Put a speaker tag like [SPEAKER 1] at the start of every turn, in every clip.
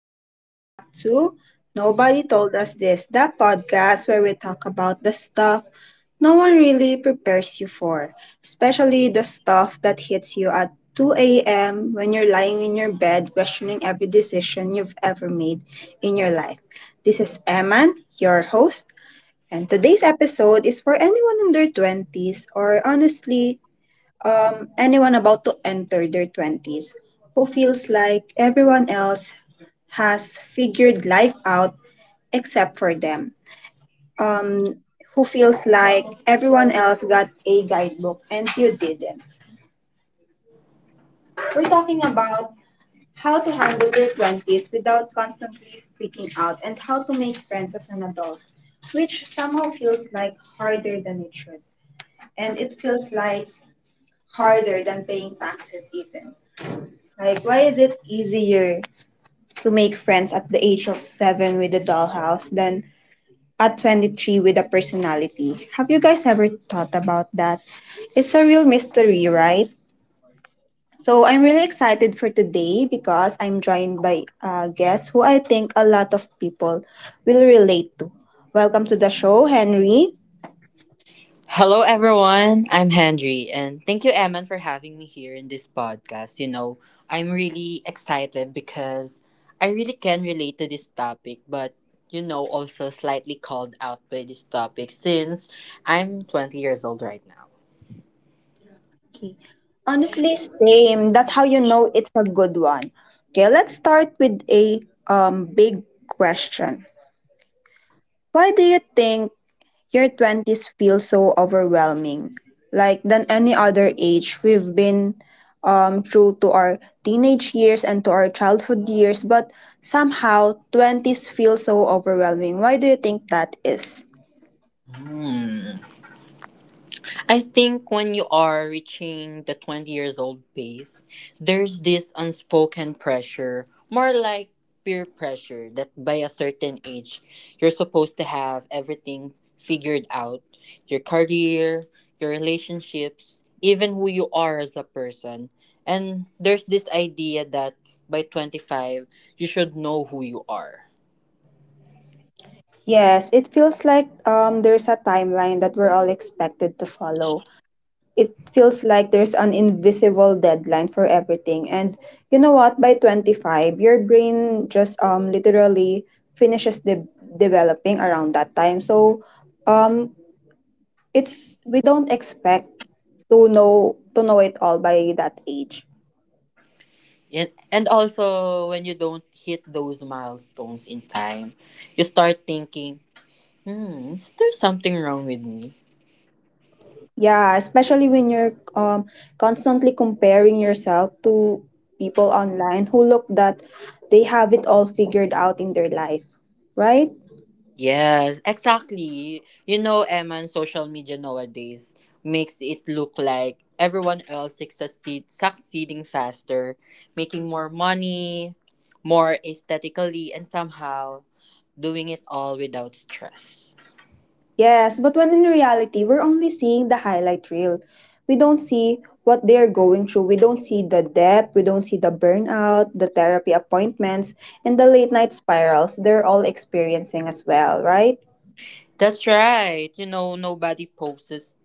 [SPEAKER 1] welcome back to Nobody Told Us This, the podcast where we talk about the stuff no one really prepares you for, especially the stuff that hits you at 2 a.m. when you're lying in your bed questioning every decision you've ever made in your life. This is Eman, your host, and today's episode is for anyone in their 20s or honestly anyone about to enter their 20s who feels like everyone else has figured life out except for them. Um, who feels like everyone else got a guidebook and you didn't. We're talking about how to handle their 20s without constantly freaking out and how to make friends as an adult, which somehow feels like harder than it should. And it feels like harder than paying taxes, even. Like, why is it easier to make friends at the age of seven with a dollhouse than at 23 with a personality? Have you guys ever thought about that? It's a real mystery, right? So, I'm really excited for today because I'm joined by a guest who I think a lot of people will relate to. Welcome to the show, Henry.
[SPEAKER 2] Hello, everyone. I'm Henry, and thank you, Eman, for having me here in this podcast. I'm really excited because I really can relate to this topic, but also slightly called out by this topic since I'm 20 years old right now.
[SPEAKER 1] Okay. Honestly, same. That's how you know it's a good one. Okay, let's start with a big question. Why do you think your 20s feel so overwhelming? Like than any other age, we've been through to our teenage years and to our childhood years, but somehow 20s feel so overwhelming. Why do you think that is?
[SPEAKER 2] Hmm. I think when you are reaching the 20 years old phase, there's this unspoken pressure, more like peer pressure, that by a certain age, you're supposed to have everything figured out your career, your relationships, even who you are as a person. And there's this idea that by 25, you should know who you are.
[SPEAKER 1] Yes, it feels like there's a timeline that we're all expected to follow. It feels like there's an invisible deadline for everything. And you know what? By 25, your brain just literally finishes developing around that time. So um it's we don't expect to know it all by that age.
[SPEAKER 2] And also, when you don't hit those milestones in time, you start thinking, hmm, is there something wrong with me?
[SPEAKER 1] Yeah, especially when you're constantly comparing yourself to people online who look that they have it all figured out in their life, right?
[SPEAKER 2] Yes, exactly. You know, Eman, social media nowadays makes it look like everyone else is succeeding faster, making more money, more aesthetically, and somehow doing it all without stress.
[SPEAKER 1] Yes, but when in reality, we're only seeing the highlight reel. We don't see what they're going through. We don't see the depth. We don't see the burnout, the therapy appointments, and the late night spirals they're all experiencing as well, right?
[SPEAKER 2] That's right. You know, nobody posts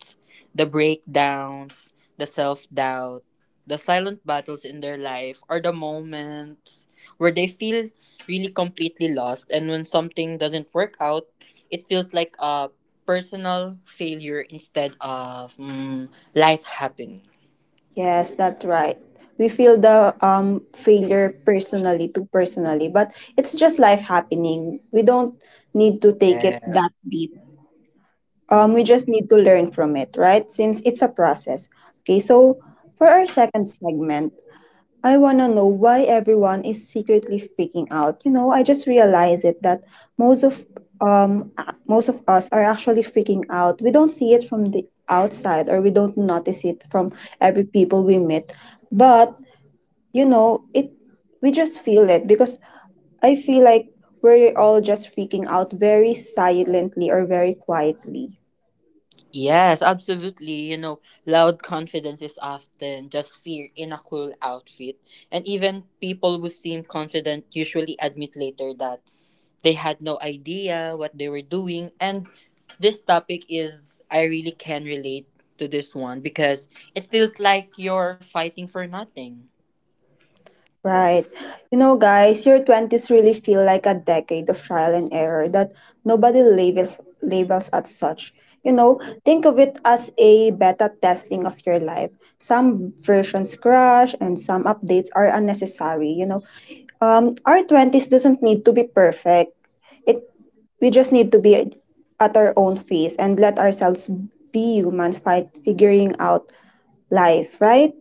[SPEAKER 2] the breakdowns, the self doubt, the silent battles in their life, or the moments where they feel really completely lost. And when something doesn't work out, it feels like a personal failure instead of life happening.
[SPEAKER 1] Yes, that's right. We feel the failure personally, too personally, but it's just life happening. We don't need to take it
[SPEAKER 2] Yeah.
[SPEAKER 1] that deep. We
[SPEAKER 2] Mm.
[SPEAKER 1] just need to learn from it, right? Since it's a process. Okay, so for our second segment, I wanna know why everyone is secretly freaking out. You know, I just realized it that most of most of us are actually freaking out. We don't see it from the outside or we don't notice it from every people we meet. But, you know, it we just feel it because I feel like we're all just freaking out very silently or very quietly.
[SPEAKER 2] Yes, absolutely. You know, loud confidence is often just fear in a cool outfit. And even people who seem confident usually admit later that they had no idea what they were doing. And this I really can relate to this one because it feels like you're fighting for nothing.
[SPEAKER 1] Right. You know, guys, your 20s really feel like a decade of trial and error that nobody labels as such. You know, think of it as a beta testing of your life. Some versions crash and some updates are unnecessary, you know. Our 20s doesn't need to be perfect. It we just need to be at our own pace and let ourselves be human fight figuring out life, right?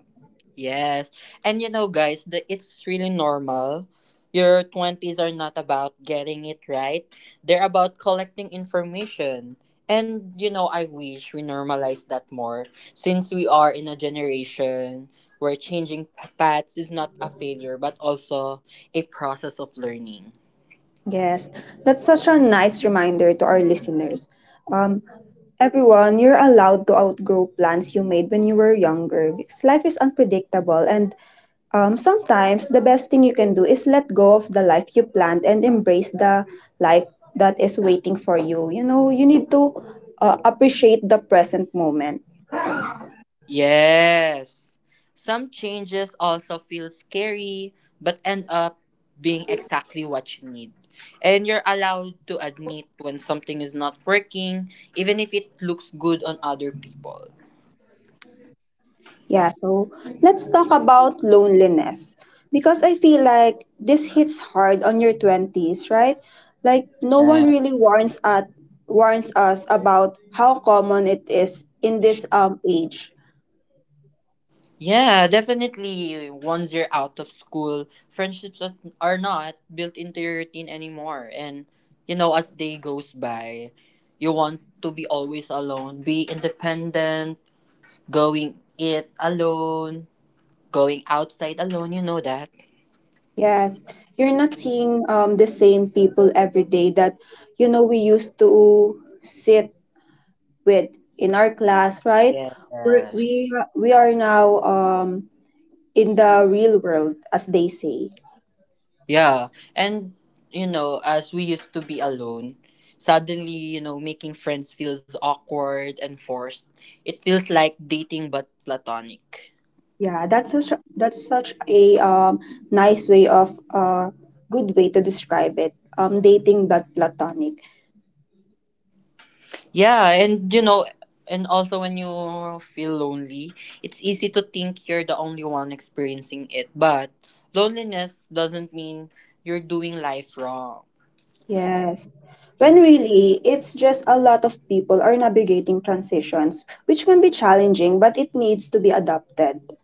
[SPEAKER 2] Yes. And you know, guys, it's really normal. Your 20s are not about getting it right, they're about collecting information. And you know, I wish we normalize that more since we are in a generation where changing paths is not a failure but also a process of learning.
[SPEAKER 1] Yes, that's such a nice reminder to our listeners. Um, Everyone, you're allowed to outgrow plans you made when you were younger because life is unpredictable, and sometimes the best thing you can do is let go of the life you planned and embrace the life that is waiting for you. You know, you need to appreciate the present moment.
[SPEAKER 2] Yes. Some changes also feel scary, but end up being exactly what you need. And you're allowed to admit when something is not working, even if it looks good on other people.
[SPEAKER 1] Yeah, so let's talk about loneliness because I feel like this hits hard on your 20s, right? Like no one
[SPEAKER 2] Yeah.
[SPEAKER 1] really warns us about how common it is in this age.
[SPEAKER 2] Yeah, definitely. Once you're out of school, friendships are not built into your routine anymore. And, you know, as day goes by, you want to be always alone, be independent, going it alone going outside alone, you know that.
[SPEAKER 1] Yes, you're not seeing the same people every day that you know we used to sit with in our class, right? We're,
[SPEAKER 2] Yes.
[SPEAKER 1] we we are now in the real world as they say.
[SPEAKER 2] Yeah. And you know, as we used to be alone, suddenly, you know, making friends feels awkward and forced. It feels like dating but platonic.
[SPEAKER 1] Yeah, that's such a nice way of good way to describe it. Dating but platonic.
[SPEAKER 2] Yeah, and and also when you feel lonely, it's easy to think you're the only one experiencing it, but loneliness doesn't mean you're doing life wrong.
[SPEAKER 1] Yes. When really, it's just a lot of people are navigating transitions, which can be challenging, but it needs to be adapted.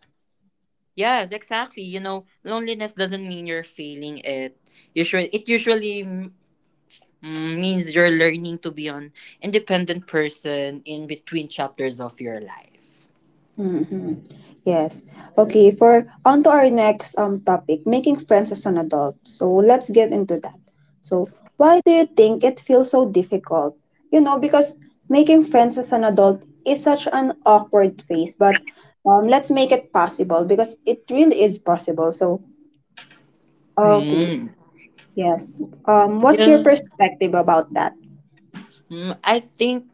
[SPEAKER 2] Yes, exactly. You know, loneliness doesn't mean you're failing it. Usually, it usually means you're learning to be an independent person in between chapters of your life.
[SPEAKER 1] Mm-hmm. Yes. Okay, for on to our next topic, making friends as an adult. So let's get into that. So why do you think it feels so difficult? You know, because making friends as an adult is such an awkward phase, but let's make it possible because it really is possible. So okay,
[SPEAKER 2] Mm.
[SPEAKER 1] yes. What's your
[SPEAKER 2] Yeah.
[SPEAKER 1] perspective about that?
[SPEAKER 2] Mm, I think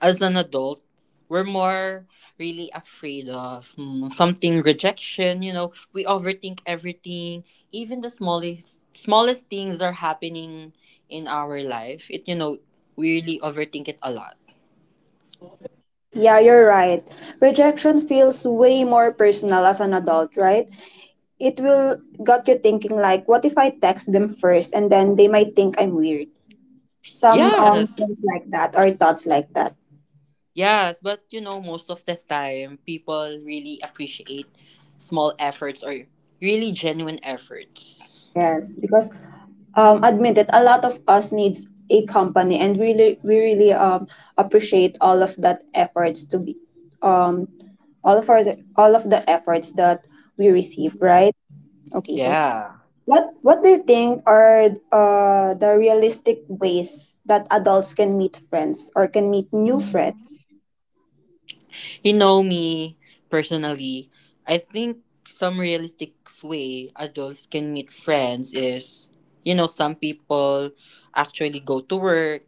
[SPEAKER 2] as an adult, we're more really afraid of something rejection. You know, we overthink everything, even the smallest things are happening in our life. It you know We really overthink it a lot.
[SPEAKER 1] Yeah, you're right. Rejection feels way more personal as an adult, right? It will got you thinking like, what if I text them first and then they might think I'm weird, some
[SPEAKER 2] Yes,
[SPEAKER 1] things like that or thoughts like that.
[SPEAKER 2] yes, but you know, most of the time, people really appreciate small efforts or really genuine efforts.
[SPEAKER 1] Yes because admit it, a lot of us needs a company and really we really appreciate all of that efforts to be um all of our all of the efforts that we receive, right? Okay, so
[SPEAKER 2] Yeah.
[SPEAKER 1] what do you think are the realistic ways that adults can meet friends or can meet new friends?
[SPEAKER 2] You know me personally, I think some realistic way adults can meet friends is, you know, some people actually go to work.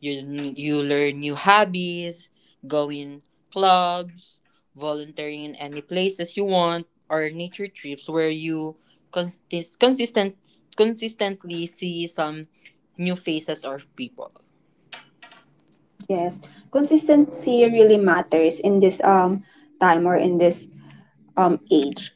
[SPEAKER 2] You learn new hobbies, going clubs, volunteering in any places you want, or nature trips where you consist- consistent consistently see some new faces or people.
[SPEAKER 1] Yes, consistency really matters in this time or in this age.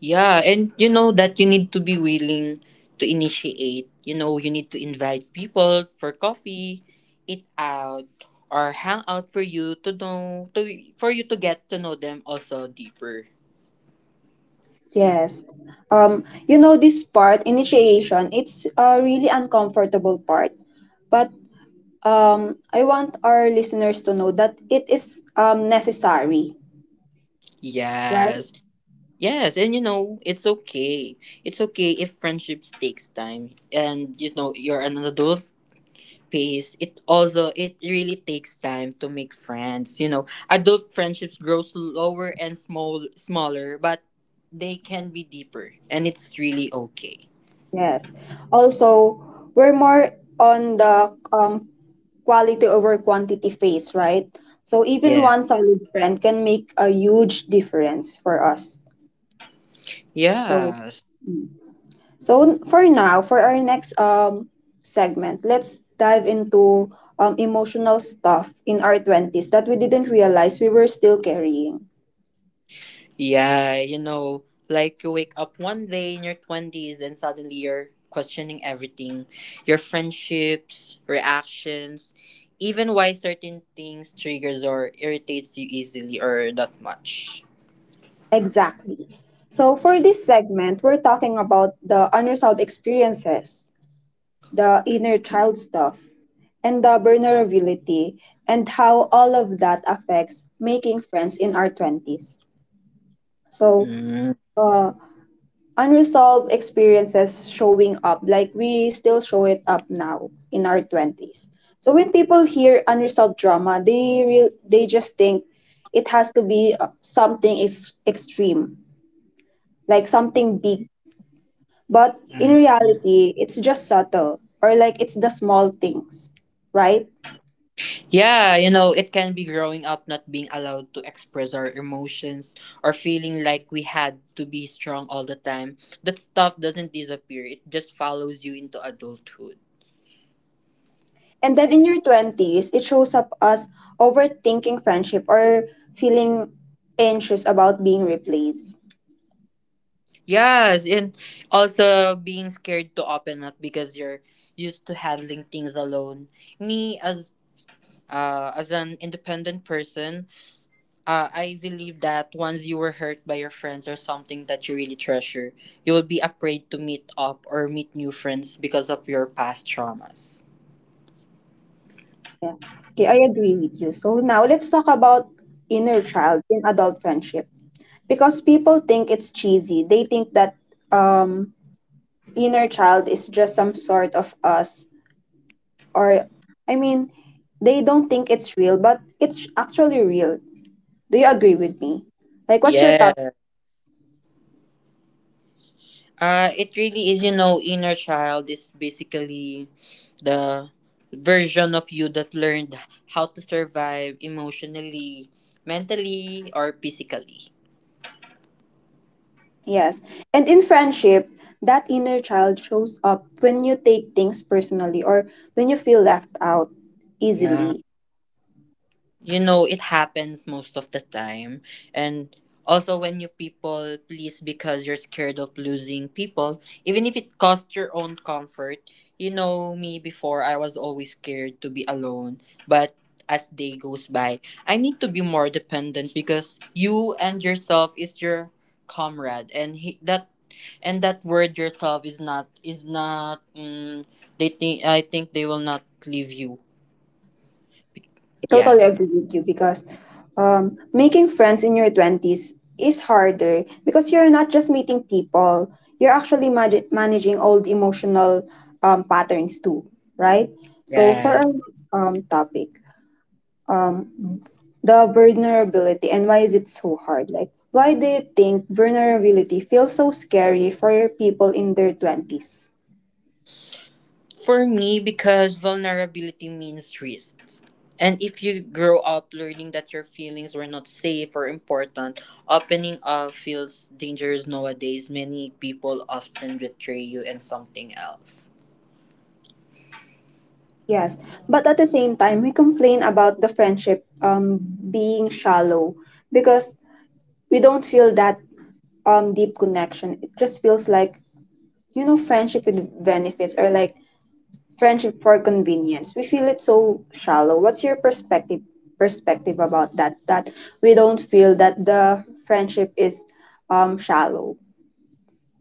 [SPEAKER 2] Yeah, and you know that you need to be willing to initiate. You know, you need to invite people for coffee, eat out, or hang out for you to get to know them also deeper.
[SPEAKER 1] Yes. You know this part initiation, it's a really uncomfortable part, but I want our listeners to know that it is necessary, right?
[SPEAKER 2] Yes. Yes, and you know, it's okay. It's okay if friendships takes time and you know, you're an adult pace. It really takes time to make friends. You know, adult friendships grow slower and smaller, but they can be deeper and it's really okay.
[SPEAKER 1] Yes. Also, we're more on the quality over quantity phase, right? So even
[SPEAKER 2] Yeah.
[SPEAKER 1] one solid friend can make a huge difference for us. So,
[SPEAKER 2] Yeah.
[SPEAKER 1] mm. So for now, for our next segment, let's dive into emotional stuff in our 20s that we didn't realize we were still carrying.
[SPEAKER 2] Yeah, you know, like you wake up one day in your 20s and suddenly you're questioning everything your friendships, reactions, even why certain things triggers or irritates you easily or that much.
[SPEAKER 1] Exactly. So for this segment, we're talking about the unresolved experiences, the inner child stuff, and the vulnerability and how all of that affects making friends in our 20s. So,
[SPEAKER 2] Mm.
[SPEAKER 1] uh, unresolved experiences showing up, like we still show it up now in our 20s. So when people hear unresolved drama, they just think it has to be something is extreme, like something big, but in reality it's just subtle, or like it's the small things, right?
[SPEAKER 2] Yeah, you know, it can be growing up not being allowed to express our emotions or feeling like we had to be strong all the time. That stuff doesn't disappear, it just follows you into adulthood.
[SPEAKER 1] And then in your 20s it shows up as overthinking friendship or feeling anxious about being replaced.
[SPEAKER 2] Yes, and also being scared to open up because you're used to handling things alone. Me as an independent person, I believe that once you were hurt by your friends or something that you really treasure, you will be afraid to meet up or meet new friends because of your past traumas.
[SPEAKER 1] Yeah. Okay, I agree with you. So now let's talk about inner child in adult friendship. Because people think it's cheesy. They think that um inner child is just some sort of us, or I mean, they don't think it's real, but it's actually real. Do you agree with me? Like what's your thought?
[SPEAKER 2] Yes. It really is. You know, inner child is basically the version of you that learned how to survive emotionally, mentally, or physically.
[SPEAKER 1] Yes. And in friendship, that inner child shows up when you take things personally or when you feel left out
[SPEAKER 2] Yeah.
[SPEAKER 1] easily.
[SPEAKER 2] You know it happens most of the time, and also when you people please because you're scared of losing people even if it costs your own comfort. You know me before, I was always scared to be alone, but as day goes by, I need to be more dependent because you and yourself is your comrade. That and that word yourself is not they think I think they will not leave you.
[SPEAKER 1] I
[SPEAKER 2] Yeah.
[SPEAKER 1] totally agree with you because making friends in your 20s is harder because you're not just meeting people, you're actually managing old emotional patterns too, right? So, for our
[SPEAKER 2] Right.
[SPEAKER 1] next topic, um, the vulnerability and why is it so hard? Like, why do you think vulnerability feels so scary for people in their 20s?
[SPEAKER 2] For me, because vulnerability means risks, and if you grow up learning that your feelings were not safe or important, opening up feels dangerous nowadays. Many people often betray you and something else.
[SPEAKER 1] Yes, but at the same time, we complain about the friendship being shallow because we don't feel that deep connection. It just feels like, you know, friendship with benefits or like friendship for convenience. We feel it so shallow. What's your perspective about that? That we don't feel that the friendship is shallow.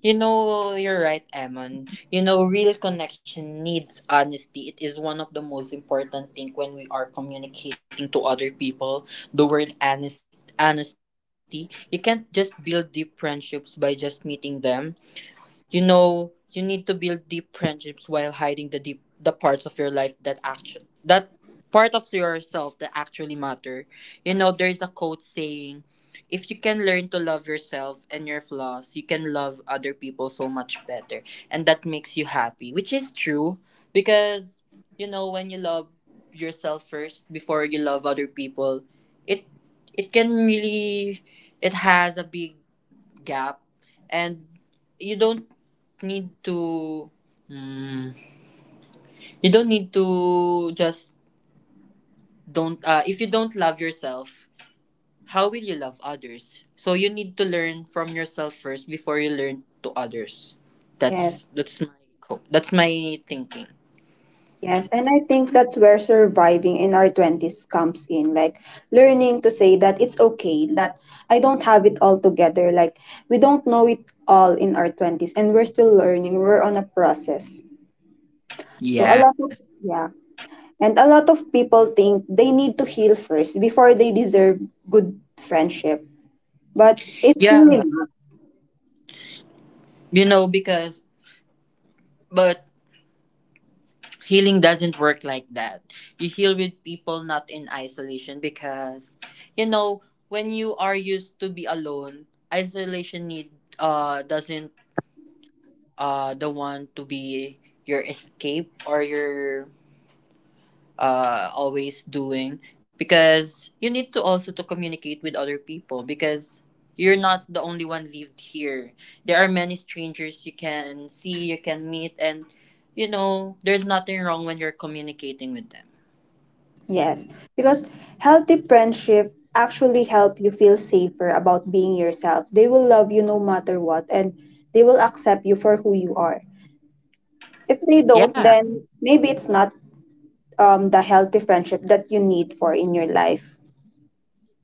[SPEAKER 2] You know, you're right, Emon. You know, real connection needs honesty. It is one of the most important thing when we are communicating to other people. The word honest, honesty. You can't just build deep friendships by just meeting them. You know, you need to build deep friendships while hiding the parts of your life that actually that part of yourself that actually matter. You know, there's a quote saying, "If you can learn to love yourself and your flaws, you can love other people so much better, and that makes you happy." Which is true because you know when you love yourself first before you love other people, it it can really, it has a big gap, and you don't need to mm, you don't need to just don't if you don't love yourself, how will you love others? So you need to learn from yourself first before you learn to others.
[SPEAKER 1] Yes.
[SPEAKER 2] That's my thinking.
[SPEAKER 1] Yes, and I think that's where surviving in our 20s comes in. Like learning to say that it's okay, that I don't have it all together. Like we don't know it all in our 20s and we're still learning. We're on a process. So a
[SPEAKER 2] Yeah.
[SPEAKER 1] lot of, yeah, and a lot of people think they need to heal first before they deserve good friendship. But it's really
[SPEAKER 2] Yeah,
[SPEAKER 1] not.
[SPEAKER 2] you know because but healing doesn't work like that. You heal with people, not in isolation, because you know when you are used to be alone, isolation need doesn't the one to be your escape or your always doing, because you need to also to communicate with other people because you're not the only one lived here. There are many strangers you can see, you can meet, and you know there's nothing wrong when you're communicating with them.
[SPEAKER 1] Yes, because healthy friendship actually help you feel safer about being yourself. They will love you no matter what and they will accept you for who you are. If they don't,
[SPEAKER 2] Yeah,
[SPEAKER 1] then maybe it's not the healthy friendship that you need for in your life.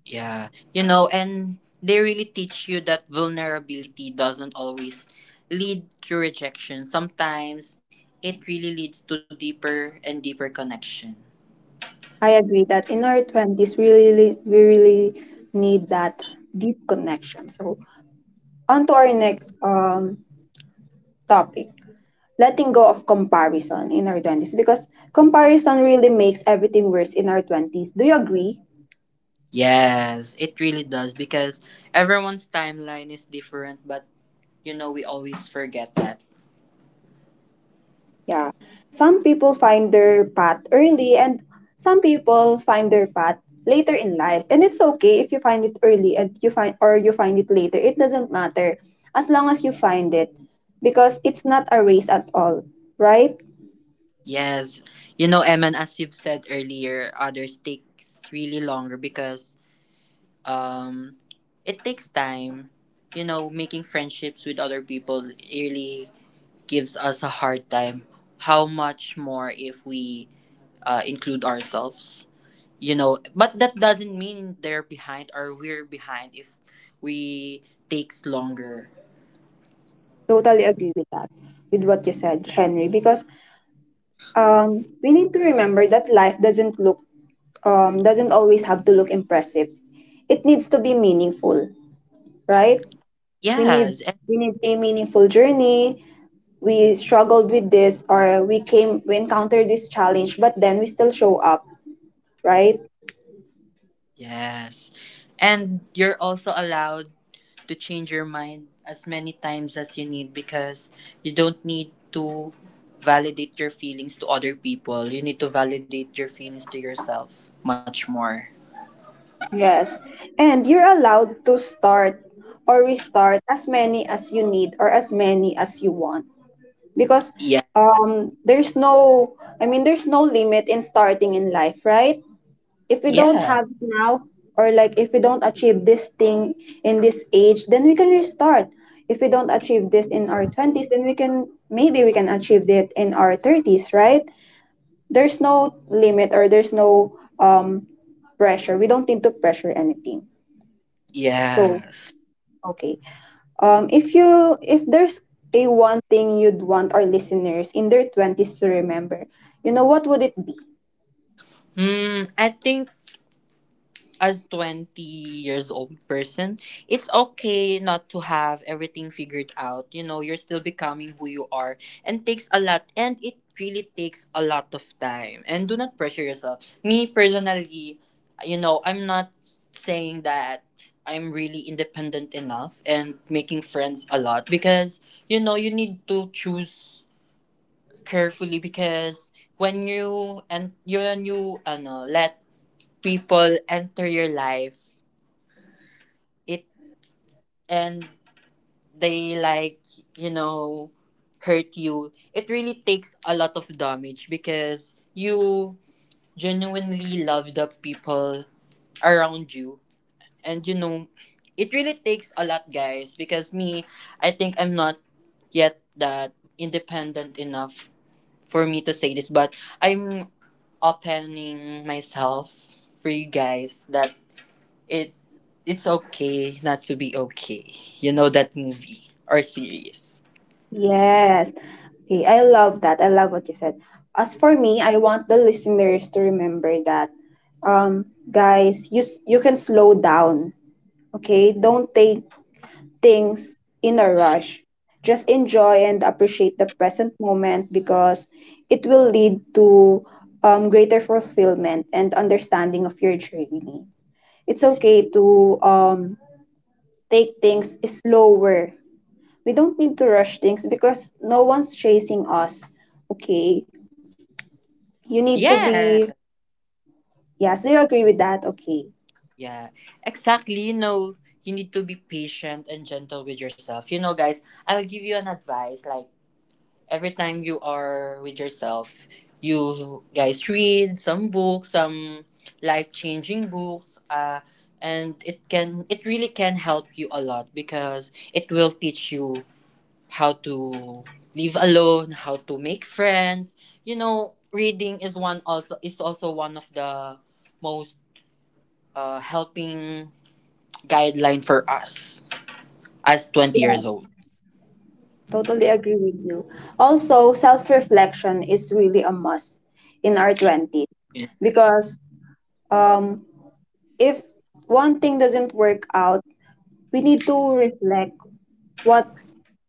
[SPEAKER 2] yeah. You know, and they really teach you that vulnerability doesn't always lead to rejection. Sometimes it really leads to deeper and deeper connection.
[SPEAKER 1] I agree that in our 20s we really need that deep connection. So, on to our next topic, letting go of comparison in our 20s, because comparison really makes everything worse in our 20s. Do you agree?
[SPEAKER 2] Yes, it really does because everyone's timeline is different, but you know, we always forget that.
[SPEAKER 1] Yeah, some people find their path early and some people find their path later in life, and it's okay if you find it early and you find or you find it later. It doesn't matter, as long as you find it, because it's not a race at all, right?
[SPEAKER 2] Yes, you know, Eman, as you've said earlier, others takes really longer because um, it takes time. You know, making friendships with other people really gives us a hard time. How much more if we include ourselves? You know, but that doesn't mean they're behind or we're behind if we takes longer.
[SPEAKER 1] Totally agree with that, with what you said, Henry, because we need to remember that life doesn't look doesn't always have to look impressive. It needs to be meaningful, right? We need
[SPEAKER 2] Yes, and
[SPEAKER 1] we need a meaningful journey. We struggled with this, or we encountered this challenge, but then we still show up, right?
[SPEAKER 2] yes. And you're also allowed to change your mind as many times as you need because you don't need to validate your feelings to other people. You need to validate your feelings to yourself much more.
[SPEAKER 1] Yes, and you're allowed to start or restart as many as you need or as many as you want because
[SPEAKER 2] Yeah.
[SPEAKER 1] there's no there's no limit in starting in life, right? If we don't
[SPEAKER 2] Yeah.
[SPEAKER 1] have it now, or like if we don't achieve this thing in this age, then we can restart. If we don't achieve this in our 20s, then we can achieve that in our 30s, right? There's no limit, or there's no um pressure. We don't need to pressure anything. So,
[SPEAKER 2] Yes.
[SPEAKER 1] okay, if you if there's a one thing you'd want our listeners in their 20s to remember, you know, what would it be?
[SPEAKER 2] Hmm, I think as 20 years old person, it's okay not to have everything figured out. You know, you're still becoming who you are and takes a lot and it really takes a lot of time. And do not pressure yourself. Me personally, you know, I'm not saying that I'm really independent enough and making friends a lot because you know, you need to choose carefully because when you ano, let people enter your life it and they like you know hurt you, it really takes a lot of damage because you genuinely love the people around you, and you know it really takes a lot, guys, because me, I think I'm not yet that independent enough for me to say this, but I'm opening myself for you guys that It it's okay not to be okay. You know that movie or series.
[SPEAKER 1] Yes. Okay, I love that. I love what you said. As for me, I want the listeners to remember that um guys, you can slow down. Okay? Don't take things in a rush. Just enjoy and appreciate the present moment, because it will lead to greater fulfillment and understanding of your journey. It's okay to take things slower. We don't need to rush things, because no one's chasing us. Okay. You need to be,
[SPEAKER 2] Yeah.
[SPEAKER 1] yes, do you agree with that? Okay.
[SPEAKER 2] Yeah. Exactly. You know, you need to be patient and gentle with yourself. You know, guys, I'll give you an advice. Like every time you are with yourself, you guys read some books, some life changing books, and it really can help you a lot because it will teach you how to live alone, how to make friends. You know, reading is also one of the most helping guideline for us as 20 years old.
[SPEAKER 1] Yes, totally agree with you. Also, self reflection is really a must in our 20s,
[SPEAKER 2] Yes.
[SPEAKER 1] because um, if one thing doesn't work out, we need to reflect, what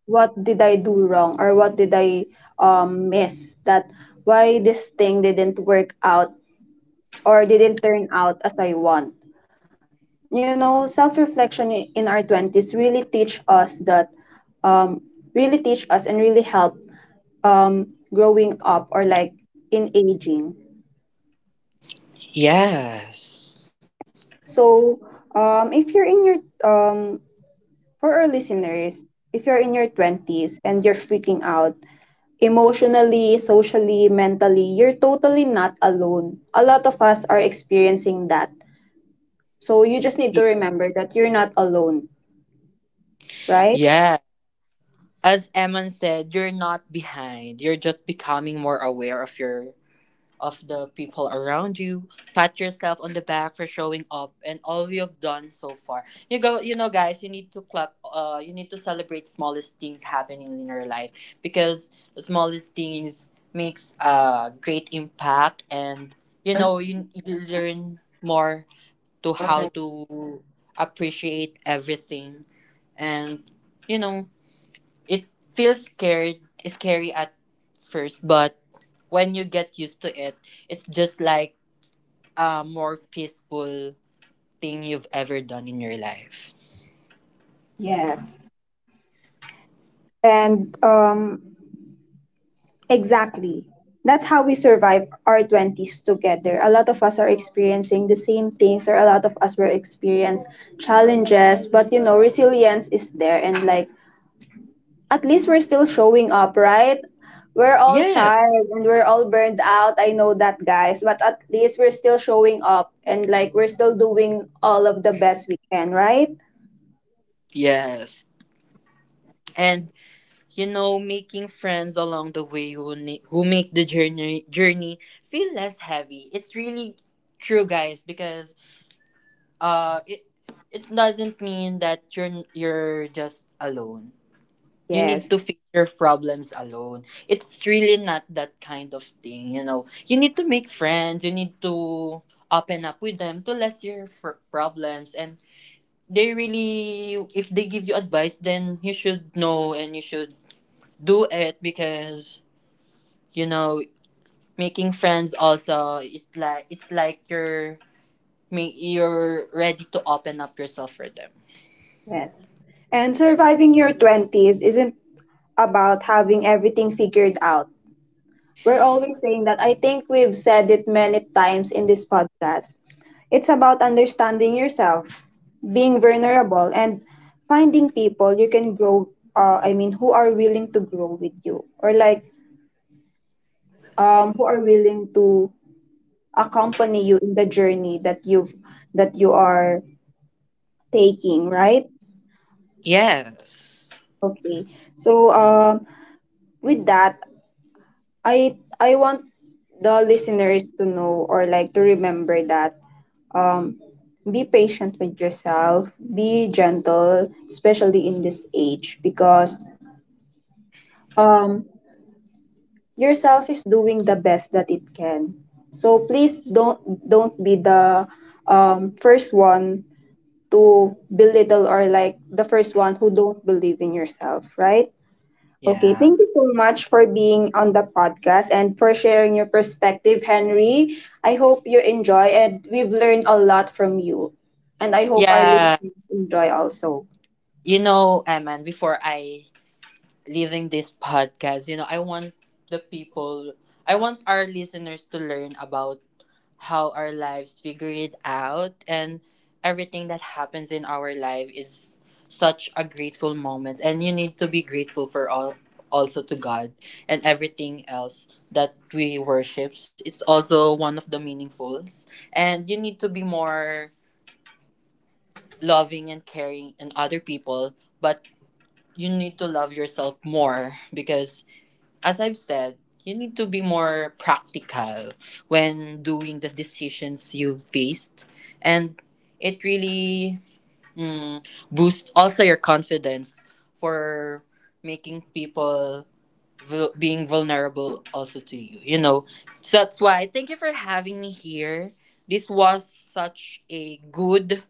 [SPEAKER 1] what did I do wrong, or what did I miss, that why this thing didn't work out, or didn't turn out as I want. You know, in our 20s really teach us that, um, really teach us and really help, um, growing up, or like, in aging.
[SPEAKER 2] Yes.
[SPEAKER 1] So, if you're in your um, for our listeners, if you're in your 20s and you're freaking out emotionally, socially, mentally, you're totally not alone, a lot of us are experiencing that, so you just need to remember that you're not alone, right?
[SPEAKER 2] Yeah. As Eman said, you're not behind. You're just becoming more aware of your of the people around you. Pat yourself on the back for showing up and all you've done so far. You go, you know, guys, you need to clap. You need to celebrate smallest things happening in your life because the smallest things makes a great impact, and you know, you learn more to how to appreciate everything, and you know, it feels scared scary at first, but when you get used to it, it's just like a more peaceful thing you've ever done in your life.
[SPEAKER 1] Yes. and Exactly. That's how we survive our 20s together. A lot of us are experiencing the same things, or a lot of us were experience challenges, but you know, resilience is there. And like, at least we're still showing up, right? We're all
[SPEAKER 2] Yeah.
[SPEAKER 1] tired and we're all burned out. I know that, guys, but at least we're still showing up and like we're still doing all of the best we can, right?
[SPEAKER 2] Yes. And you know, making friends along the way who make the journey feel less heavy. It's really true, guys, because uh, it it doesn't mean that you're just alone. You need
[SPEAKER 1] Yes,
[SPEAKER 2] to fix your problems alone. It's really not that kind of thing, you know. You need to make friends, you need to open up with them to less your problems, and they really if they give you advice then you should know and you should do it because you know making friends also is like it's like you're ready to open up yourself for them.
[SPEAKER 1] yes. And surviving your 20s isn't about having everything figured out. We're always saying that. I think we've said it many times in this podcast. It's about understanding yourself, being vulnerable, and finding people you can grow. I mean, who are willing to grow with you, or like, who are willing to accompany you in the journey that you've that you are taking. Right?
[SPEAKER 2] Yes.
[SPEAKER 1] Okay. So, with that, I want the listeners to know, or like, to remember that, um, be patient with yourself, be gentle, especially in this age, because um, yourself is doing the best that it can. So please don't be the first one to belittle, or like the first one who don't believe in yourself, right? Okay,
[SPEAKER 2] Yeah.
[SPEAKER 1] thank you so much for being on the podcast and for sharing your perspective, Henry. I hope you enjoy and we've learned a lot from you. And I hope our
[SPEAKER 2] Yeah.
[SPEAKER 1] listeners enjoy also.
[SPEAKER 2] You know, Eman, before I leaving this podcast, you know, the people, I want our listeners to learn about how our lives figure it out, and everything that happens in our life is such a grateful moment and you need to be grateful for all also to God and everything else that we worships. It's also one of the meaningfuls and you need to be more loving and caring and other people, but you need to love yourself more because as I've said, you need to be more practical when doing the decisions you've faced. And it really mm, boosts also your confidence for making people being vulnerable also to you. You know, so that's why thank you for having me here. This was such a good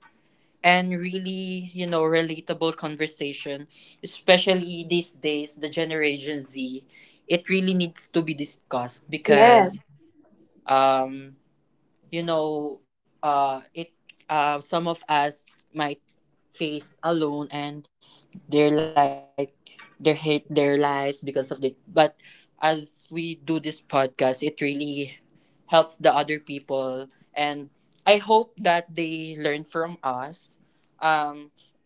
[SPEAKER 2] and really, you know, relatable conversation, especially these days, the Generation Z, it really needs to be discussed because,
[SPEAKER 1] Yes,
[SPEAKER 2] um, you know, some of us might face alone and they're like, they hate their lives because of it. But as we do this podcast, it really helps the other people. And I hope that they learn from us. Um,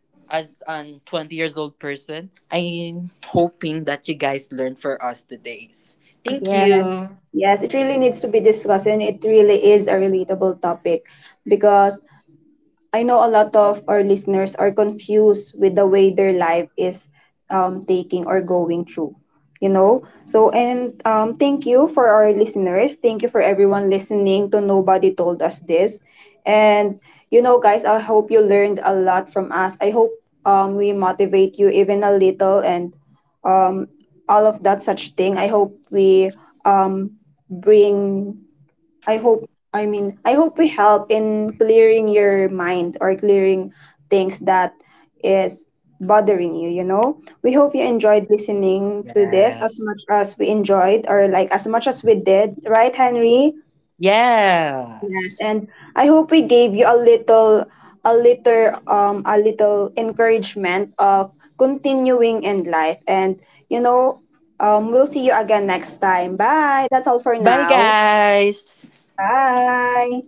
[SPEAKER 2] as an 20 years old person, I'm hoping that you guys learn for us today's. Thank
[SPEAKER 1] yes,
[SPEAKER 2] you.
[SPEAKER 1] yes. It really needs to be discussed, and it really is a relatable topic, because I know a lot of our listeners are confused with the way their life is taking or going through. You know? So, and thank you for our listeners. Thank you for everyone listening to Nobody Told Us This. And, you know, guys, I hope you learned a lot from us. I hope we motivate you even a little, and um, all of that such thing. I hope we um, bring I hope I hope we help in clearing your mind, or clearing things that is bothering you, you know. We hope you enjoyed listening to this
[SPEAKER 2] Yeah.
[SPEAKER 1] as much as we enjoyed, or like as much as we did, right Henry? Yes,
[SPEAKER 2] Yes.
[SPEAKER 1] and I hope we gave you a little a little encouragement of continuing in life, and you know, we'll see you again next time. Bye. That's all for
[SPEAKER 2] Bye
[SPEAKER 1] now.
[SPEAKER 2] guys.
[SPEAKER 1] Bye.